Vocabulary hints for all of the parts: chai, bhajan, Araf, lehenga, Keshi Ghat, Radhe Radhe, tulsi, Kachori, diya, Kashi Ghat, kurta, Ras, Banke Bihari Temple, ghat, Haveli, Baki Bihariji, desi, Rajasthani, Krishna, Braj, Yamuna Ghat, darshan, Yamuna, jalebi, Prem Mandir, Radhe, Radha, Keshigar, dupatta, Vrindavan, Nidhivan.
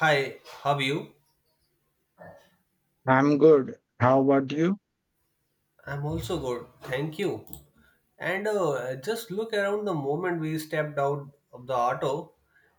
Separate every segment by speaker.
Speaker 1: Hi, how are you?
Speaker 2: I'm good. How about you?
Speaker 1: I'm also good, thank you. And Just look around the moment we stepped out of the auto,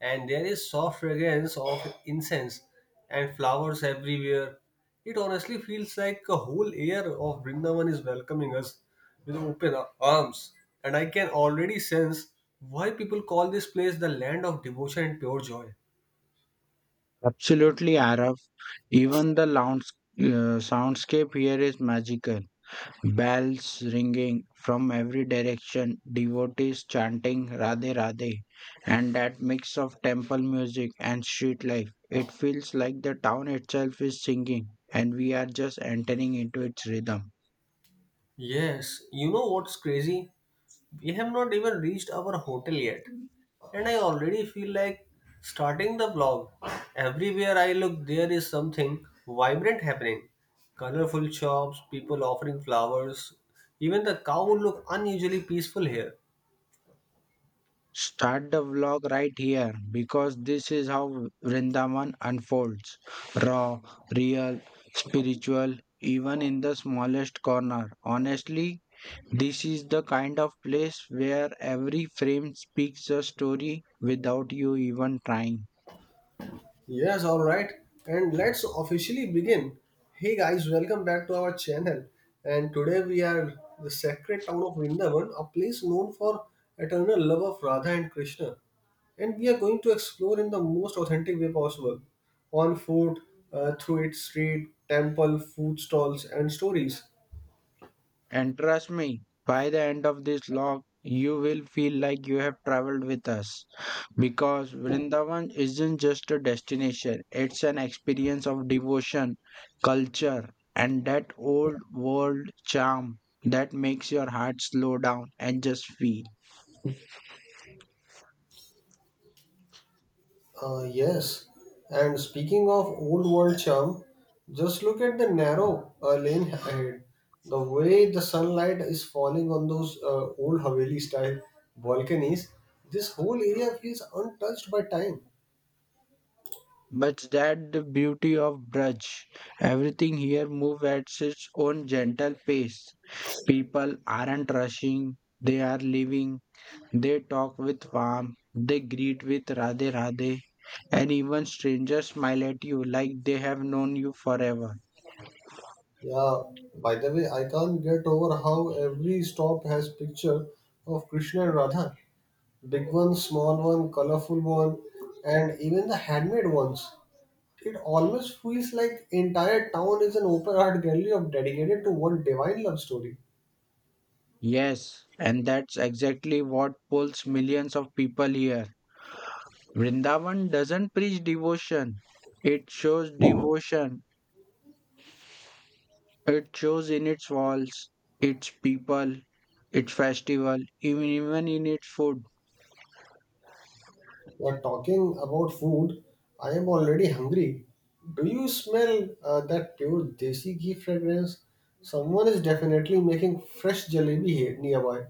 Speaker 1: and there is soft fragrance of incense and flowers everywhere. It honestly feels like a whole air of Vrindavan is welcoming us with open arms. And I can already sense why people call this place the land of devotion and pure joy.
Speaker 2: Absolutely, Araf. Even the lounge, soundscape here is magical. Bells ringing from every direction, devotees chanting Radhe Radhe, and that mix of temple music and street life. It feels like the town itself is singing, and we are just entering into its rhythm.
Speaker 1: Yes, you know what's crazy? We have not even reached our hotel yet, and I already feel like starting the vlog. Everywhere I look, there is something vibrant happening. Colorful shops, people offering flowers, even the cow look unusually peaceful here.
Speaker 2: Start the vlog right here because this is how Vrindavan unfolds raw, real, spiritual, even in the smallest corner. Honestly, this is the kind of place where every frame speaks a story without you even trying.
Speaker 1: Yes, all right. And let's officially begin. Hey guys, welcome back to our channel. And today we are the sacred town of Vrindavan, a place known for eternal love of Radha and Krishna. And we are going to explore in the most authentic way possible on foot, through its street, temple, food stalls, and stories.
Speaker 2: And trust me, by the end of this log, you will feel like you have traveled with us. Because Vrindavan isn't just a destination, it's an experience of devotion, culture, and that old world charm that makes your heart slow down and just feel.
Speaker 1: Yes, and speaking of old world charm, just look at the narrow lane ahead. The way the sunlight is falling on those old Haveli style balconies, this whole area feels untouched by time.
Speaker 2: But that the beauty of Braj. Everything here moves at its own gentle pace. People aren't rushing, they are living. They talk with warmth, they greet with Radhe Radhe, and even strangers smile at you like they have known you forever.
Speaker 1: Yeah, by the way, I can't get over how every stop has picture of Krishna and Radha. Big one, small one, colorful one, and even the handmade ones. It almost feels like entire town is an open art gallery of dedicated to one divine love story.
Speaker 2: Yes, and that's exactly what pulls millions of people here. Vrindavan doesn't preach devotion. It shows in its walls, its people, its festival, even in its food.
Speaker 1: We're talking about food. I am already hungry. Do you smell that pure desi ghee fragrance? Someone is definitely making fresh jalebi here nearby.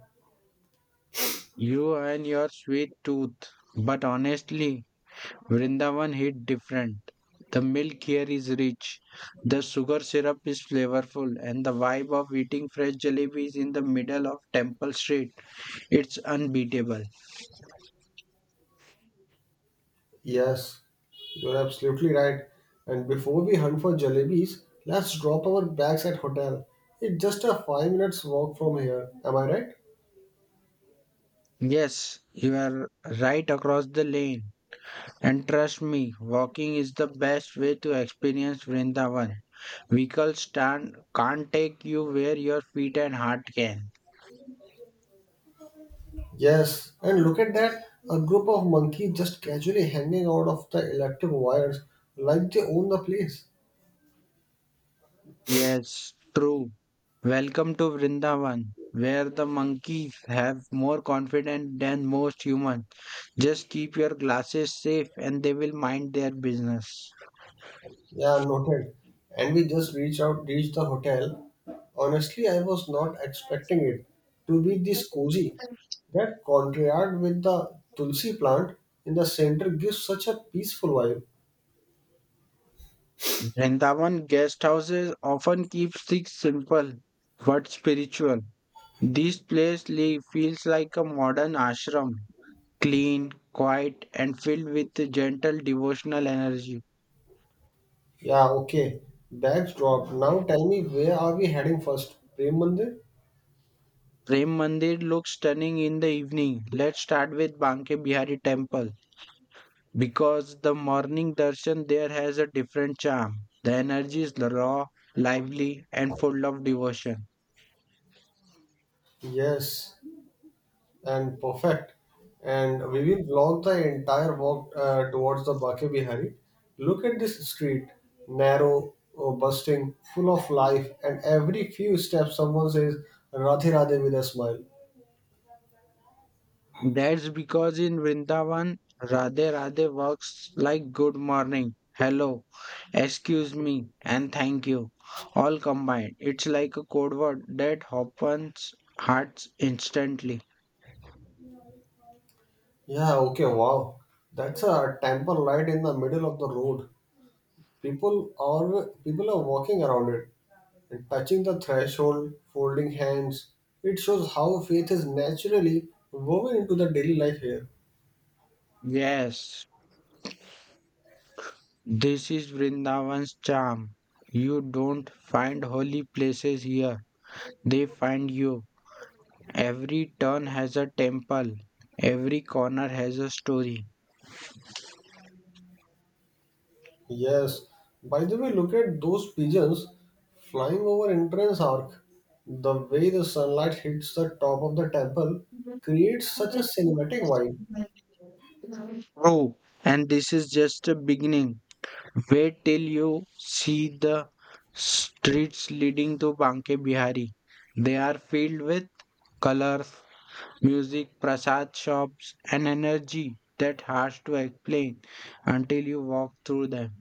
Speaker 2: You and your sweet tooth. But honestly, Vrindavan hit different. The milk here is rich, the sugar syrup is flavorful, and the vibe of eating fresh jalebis in the middle of Temple Street, it's unbeatable.
Speaker 1: Yes, you're absolutely right. And before we hunt for jalebis, let's drop our bags at hotel. It's just a five minutes walk from here. Am I right?
Speaker 2: Yes, you are right across the lane. And trust me, walking is the best way to experience Vrindavan. Vehicles stand, can't take you where your feet and heart can.
Speaker 1: Yes, and look at that. A group of monkeys just casually hanging out of the electric wires like they own the place.
Speaker 2: Yes, true. Welcome to Vrindavan, where the monkeys have more confidence than most humans. Just keep your glasses safe and they will mind their business.
Speaker 1: Yeah, noted. And we just reached the hotel. Honestly, I was not expecting it to be this cozy. That courtyard with the tulsi plant in the center gives such a peaceful vibe.
Speaker 2: Vrindavan guest houses often keep things simple but spiritual. This place feels like a modern ashram, clean, quiet, and filled with a gentle devotional energy.
Speaker 1: Yeah, okay. Bags dropped. Now tell me, where are we heading first? Prem Mandir?
Speaker 2: Prem Mandir looks stunning in the evening. Let's start with Banke Bihari Temple, because the morning darshan there has a different charm. The energy is raw, lively, and full of devotion.
Speaker 1: Yes, and perfect. And we will vlog the entire walk towards the Bake Bihari. Look at this street, narrow, bustling, full of life, and every few steps someone says Radhe Radhe with a smile.
Speaker 2: That's because in Vrindavan, Radhe Radhe works like good morning, hello, excuse me, and thank you, all combined. It's like a code word that opens hearts instantly.
Speaker 1: Yeah, okay, wow. That's a temple right in the middle of the road. People are walking around it and touching the threshold, folding hands. It shows how faith is naturally woven into the daily life here.
Speaker 2: Yes, this is Vrindavan's charm. You don't find holy places here, they find you. Every turn has a temple, every corner has a story.
Speaker 1: Yes. By the way, look at those pigeons flying over entrance arc. The way the sunlight hits the top of the temple creates such a cinematic vibe.
Speaker 2: Oh, and this is just a beginning. Wait till you see the streets leading to Banke Bihari. They are filled with colors, music, prasad shops, and energy that hard to explain until you walk through them.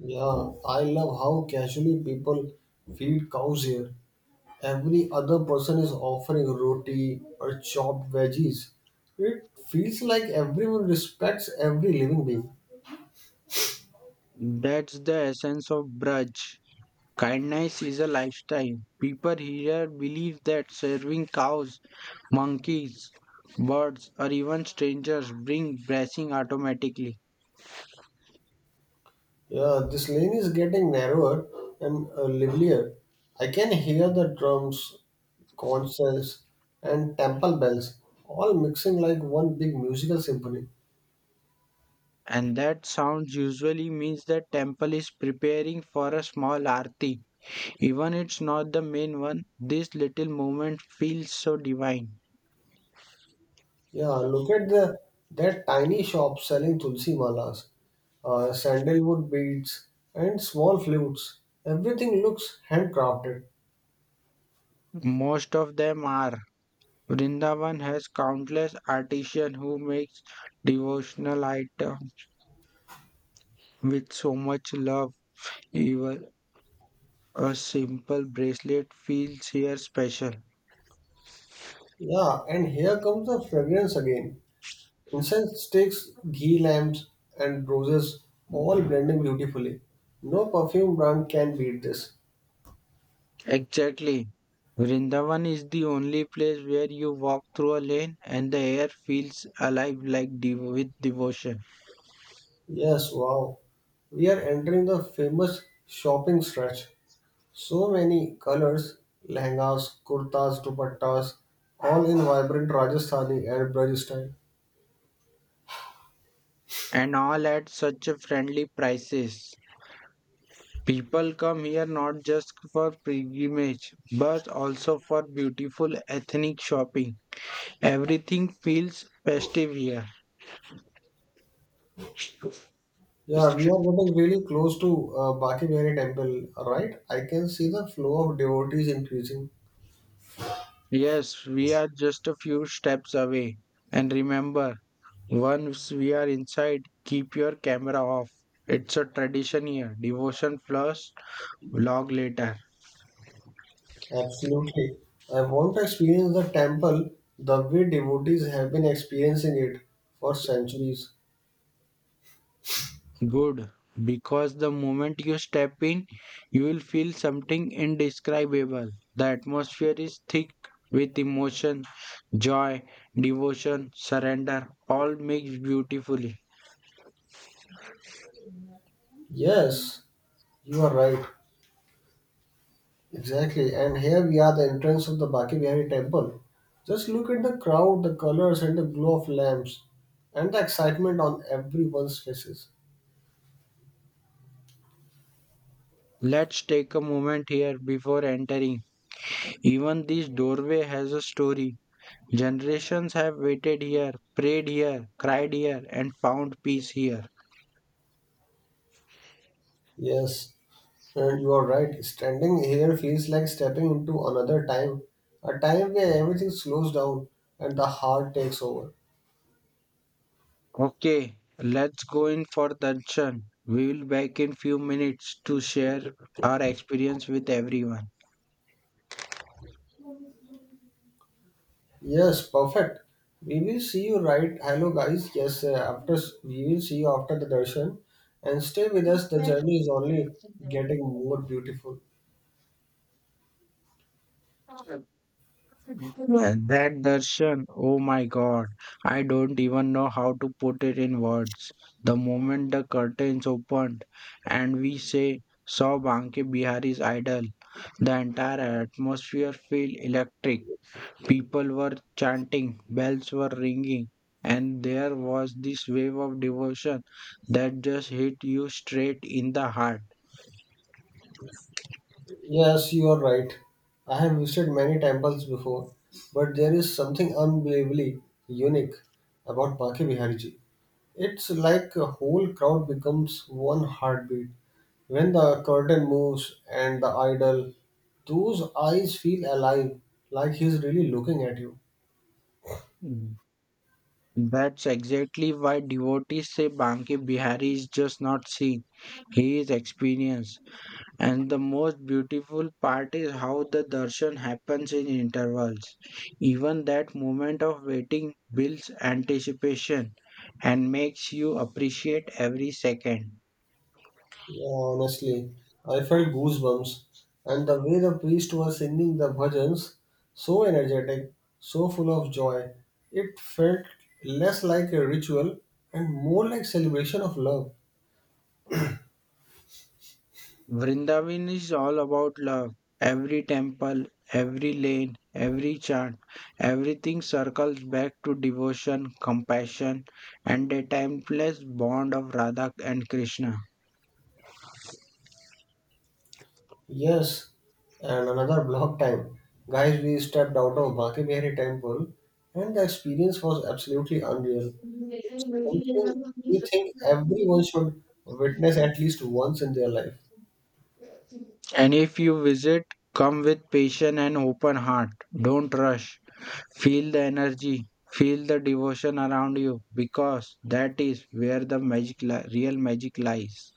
Speaker 1: Yeah, I love how casually people feed cows here. Every other person is offering roti or chopped veggies. It feels like everyone respects every living being.
Speaker 2: That's the essence of Braj. Kindness is a lifestyle. People here believe that serving cows, monkeys, birds, or even strangers bring blessing automatically.
Speaker 1: Yeah, this lane is getting narrower and livelier. I can hear the drums, concerts, and temple bells all mixing like one big musical symphony.
Speaker 2: And that sounds usually means that temple is preparing for a small arti. Even it's not the main one, this little moment feels so divine.
Speaker 1: Yeah, look at the that tiny shop selling tulsi malas, sandalwood beads, and small flutes. Everything looks handcrafted.
Speaker 2: Most of them are. Vrindavan has countless artisans who makes devotional items with so much love. Even a simple bracelet feels here special.
Speaker 1: Yeah, and here comes the fragrance again. Incense sticks, ghee lamps, and roses all blending beautifully. No perfume brand can beat this.
Speaker 2: Exactly. Vrindavan is the only place where you walk through a lane and the air feels alive like with devotion.
Speaker 1: Yes, wow. We are entering the famous shopping stretch. So many colors, lehengas, kurtas, dupattas, all in vibrant Rajasthani and Braj style.
Speaker 2: And all at such a friendly prices. People come here not just for pilgrimage but also for beautiful ethnic shopping. Everything feels festive here.
Speaker 1: Yeah, we are getting really close to Baki Bihari temple, right? I can see the flow of devotees increasing.
Speaker 2: Yes, we are just a few steps away. And remember, once we are inside, keep your camera off. It's a tradition here. Devotion first, vlog later.
Speaker 1: Absolutely. I want to experience the temple the way devotees have been experiencing it for centuries.
Speaker 2: Good. Because the moment you step in, you will feel something indescribable. The atmosphere is thick with emotion, joy, devotion, surrender, all mixed beautifully.
Speaker 1: Yes, you are right. Exactly. And here we are, the entrance of the Baki Bihari temple. Just look at the crowd, the colors, and the glow of lamps, and the excitement on everyone's faces.
Speaker 2: Let's take a moment here before entering. Even this doorway has a story. Generations have waited here, prayed here, cried here, and found peace here.
Speaker 1: Yes, and you are right. Standing here feels like stepping into another time, a time where everything slows down and the heart takes over.
Speaker 2: Okay, let's go in for darshan. We will back in few minutes to share our experience with everyone.
Speaker 1: Yes, perfect. We will see you right. Hello, guys. Yes, we will see you after the darshan, and stay with us. The journey is only getting more beautiful.
Speaker 2: And that darshan, oh my god, I don't even know how to put it in words. The moment the curtains opened and we say saw Banke Bihari's idol, the entire atmosphere felt electric. People were chanting, bells were ringing, and there was this wave of devotion that just hit you straight in the heart.
Speaker 1: Yes, you are right. I have visited many temples before, but there is something unbelievably unique about Baki Bihariji. It's like a whole crowd becomes one heartbeat. When the curtain moves and the idol, those eyes feel alive, like he's really looking at you.
Speaker 2: Mm. That's exactly why devotees say Banke Bihari is just not seen, he is experienced. And the most beautiful part is how the darshan happens in intervals. Even that moment of waiting builds anticipation and makes you appreciate every second.
Speaker 1: Yeah, honestly, I felt goosebumps. And the way the priest was singing the bhajans, so energetic, so full of joy, it felt less like a ritual and more like celebration of love.
Speaker 2: Vrindavan is all about love. Every temple, every lane, every chant, everything circles back to devotion, compassion, and a timeless bond of Radha and Krishna.
Speaker 1: Yes, and another block time. Guys, we stepped out of Baki Bihari temple and the experience was absolutely unreal. It's something we think everyone should witness at least once in their life.
Speaker 2: And if you visit, come with patient and open heart. Don't rush. Feel the energy. Feel the devotion around you because that is where the real magic lies.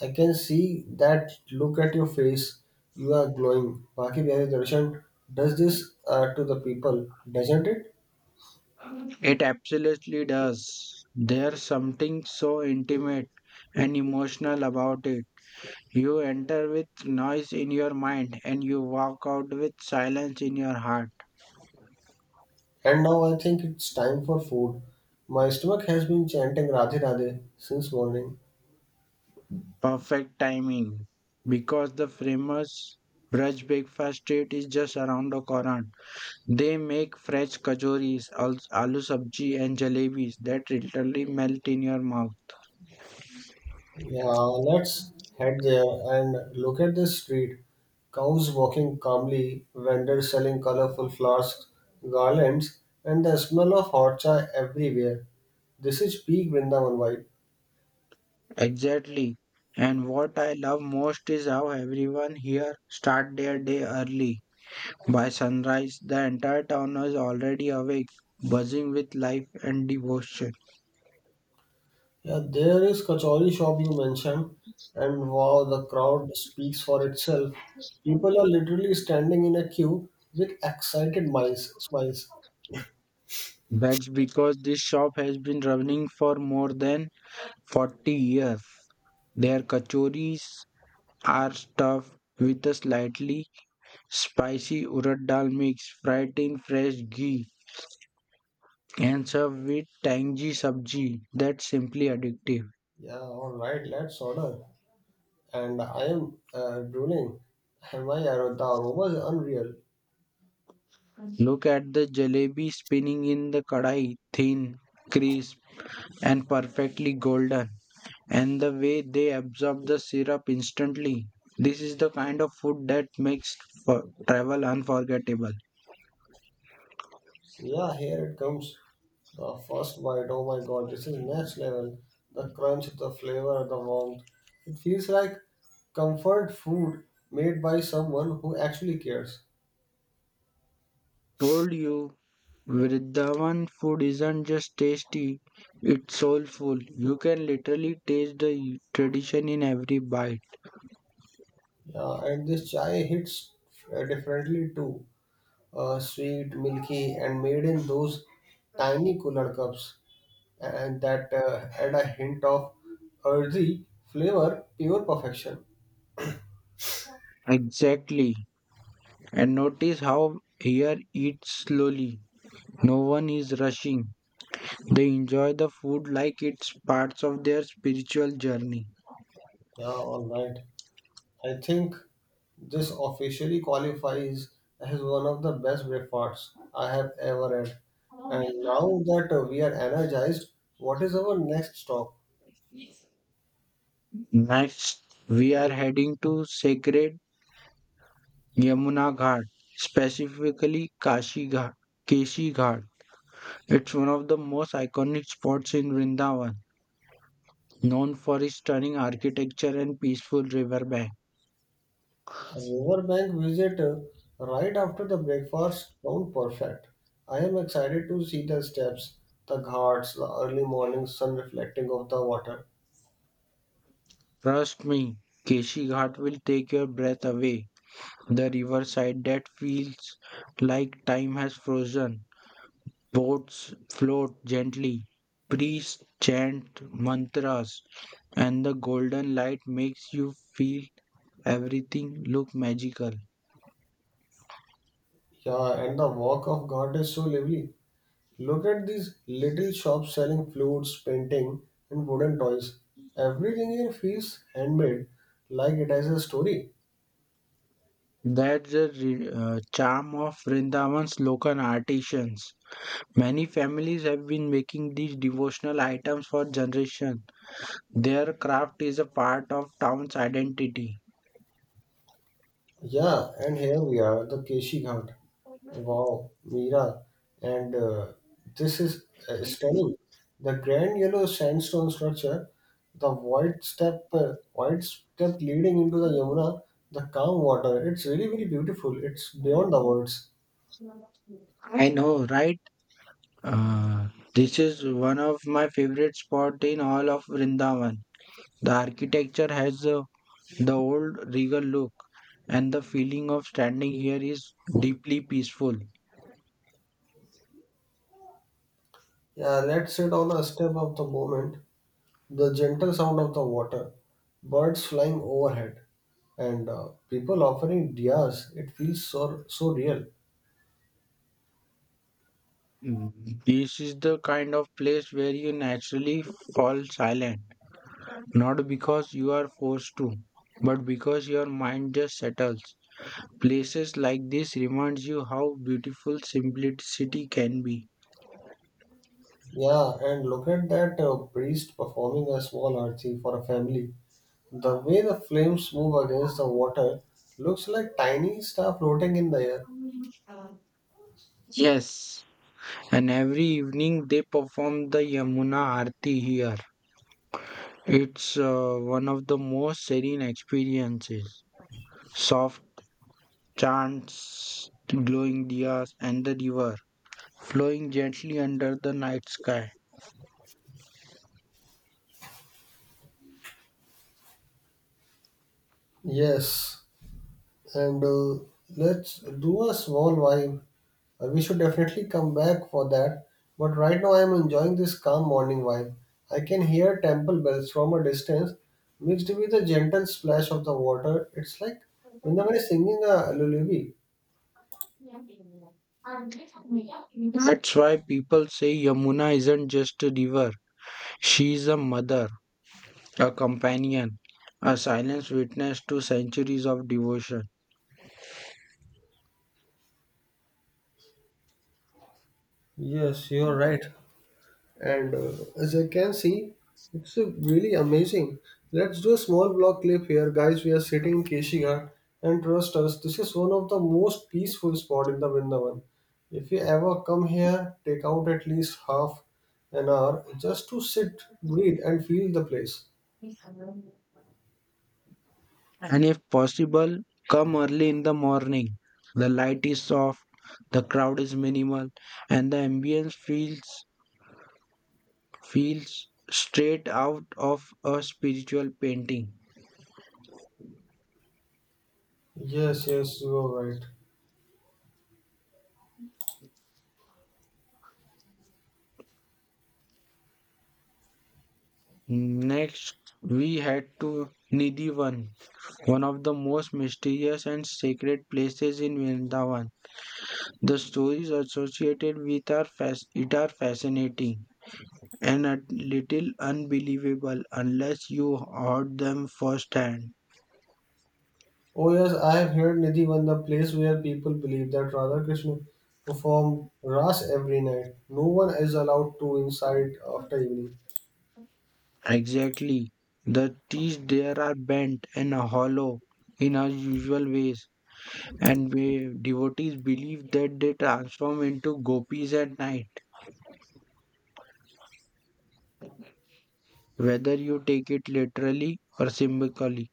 Speaker 1: I can see that look at your face. You are glowing. Baki Bihari Darshan does this to the people, doesn't it?
Speaker 2: It absolutely does. There's something so intimate and emotional about it. You enter with noise in your mind and you walk out with silence in your heart.
Speaker 1: And now I think it's time for food. My stomach has been chanting Radhe Radhe since morning.
Speaker 2: Perfect timing. Because the famous Braj breakfast treat is just around the corner. They make fresh kachoris, aloo sabji and jalebis that literally melt in your mouth.
Speaker 1: Yeah, let's head there and look at the street. Cows walking calmly, vendors selling colorful flasks, garlands, and the smell of hot chai everywhere. This is peak Vrindavan vibe.
Speaker 2: Exactly. And what I love most is how everyone here start their day early. By sunrise, the entire town is already awake, buzzing with life and devotion.
Speaker 1: Yeah, there is Kachori shop you mentioned, and wow, the crowd speaks for itself. People are literally standing in a queue with excited minds, smiles.
Speaker 2: That's because this shop has been running for more than 40 years. Their kachoris are stuffed with a slightly spicy urad dal mix, fried in fresh ghee, and served with tangy sabji that's simply addictive.
Speaker 1: Yeah, all right, let's order. And I am drooling. The aroma is unreal.
Speaker 2: Look at the jalebi spinning in the kadai, thin, crisp, and perfectly golden, and the way they absorb the syrup instantly. This is the kind of food that makes for travel unforgettable.
Speaker 1: Yeah, here it comes. The first bite. Oh my God, this is next level. The crunch, the flavor, the warmth. It feels like comfort food made by someone who actually cares.
Speaker 2: Told you, Vrindavan food isn't just tasty, it's soulful. You can literally taste the tradition in every bite.
Speaker 1: Yeah, and this chai hits differently too. Sweet, milky, and made in those tiny cooler cups, and that add a hint of earthy flavor, pure perfection.
Speaker 2: Exactly. And notice how here eats slowly. No one is rushing. They enjoy the food like it's parts of their spiritual journey.
Speaker 1: Yeah, all right. I think this officially qualifies as one of the best breakfasts I have ever had. And now that we are energized, what is our next stop?
Speaker 2: Next, we are heading to sacred Yamuna Ghat, specifically Kashi Ghat, Keshi Ghat. It's one of the most iconic spots in Vrindavan, known for its stunning architecture and peaceful riverbank.
Speaker 1: A riverbank visit right after the breakfast sound perfect. I am excited to see the steps, the ghats, the early morning sun reflecting off the water.
Speaker 2: Trust me, Keshi Ghat will take your breath away. The riverside that feels like time has frozen. Boats float gently, priests chant mantras, and the golden light makes you feel everything look magical.
Speaker 1: Yeah, and the walk of God is so lively. Look at these little shops selling flutes, painting, and wooden toys. Everything here feels handmade, like it has a story.
Speaker 2: That's the charm of Vrindavan's local artisans. Many families have been making these devotional items for generations. Their craft is a part of town's identity.
Speaker 1: Yeah, and here we are, the Keshi Ghat. Wow, Mira, and this is stunning. The grand yellow sandstone structure, the wide step leading into the Yamuna, the calm water. It's really, really beautiful. It's beyond the words.
Speaker 2: I know, right? Uh, this is one of my favorite spot in all of Vrindavan. The architecture has the old regal look, and the feeling of standing here is deeply peaceful.
Speaker 1: Yeah, let's sit on a step of the moment. The gentle sound of the water, birds flying overhead, and people offering diyas. It feels so so real.
Speaker 2: Mm. This is the kind of place where you naturally fall silent, not because you are forced to, but because your mind just settles. Places like this reminds you how beautiful simplicity can be.
Speaker 1: Yeah, and look at that priest performing a small arti for a family. The way the flames move against the water looks like tiny star floating in the air.
Speaker 2: Yes. And every evening they perform the Yamuna Aarti here. It's one of the most serene experiences. Soft chants, glowing diyas, and the river flowing gently under the night sky.
Speaker 1: Yes, and let's do a small vibe. We should definitely come back for that. But right now, I am enjoying this calm morning vibe. I can hear temple bells from a distance, mixed with the gentle splash of the water. It's like Vrindavan is singing a lullaby.
Speaker 2: That's why people say Yamuna isn't just a river. She is a mother, a companion, a silent witness to centuries of devotion.
Speaker 1: Yes, you're right. and As I can see, it's really amazing. Let's do a small block clip here, guys. We are sitting in Keshigar, and trust us, this is one of the most peaceful spot in the Vrindavan. If you ever come here, take out at least half an hour just to sit, breathe, and feel the place.
Speaker 2: And if possible, come early in the morning. The light is soft, the crowd is minimal, and the ambience feels straight out of a spiritual painting.
Speaker 1: Yes, yes, you are right.
Speaker 2: Next, we head to Nidhivan, one of the most mysterious and sacred places in Vrindavan. The stories associated with are it are fascinating and a little unbelievable unless you heard them firsthand.
Speaker 1: Oh yes, I have heard Nidhivan, the place where people believe that Radha Krishna perform Ras every night. No one is allowed to inside after evening.
Speaker 2: Exactly. The trees there are bent and hollow in unusual ways, and we, devotees believe that they transform into gopis at night, whether you take it literally or symbolically.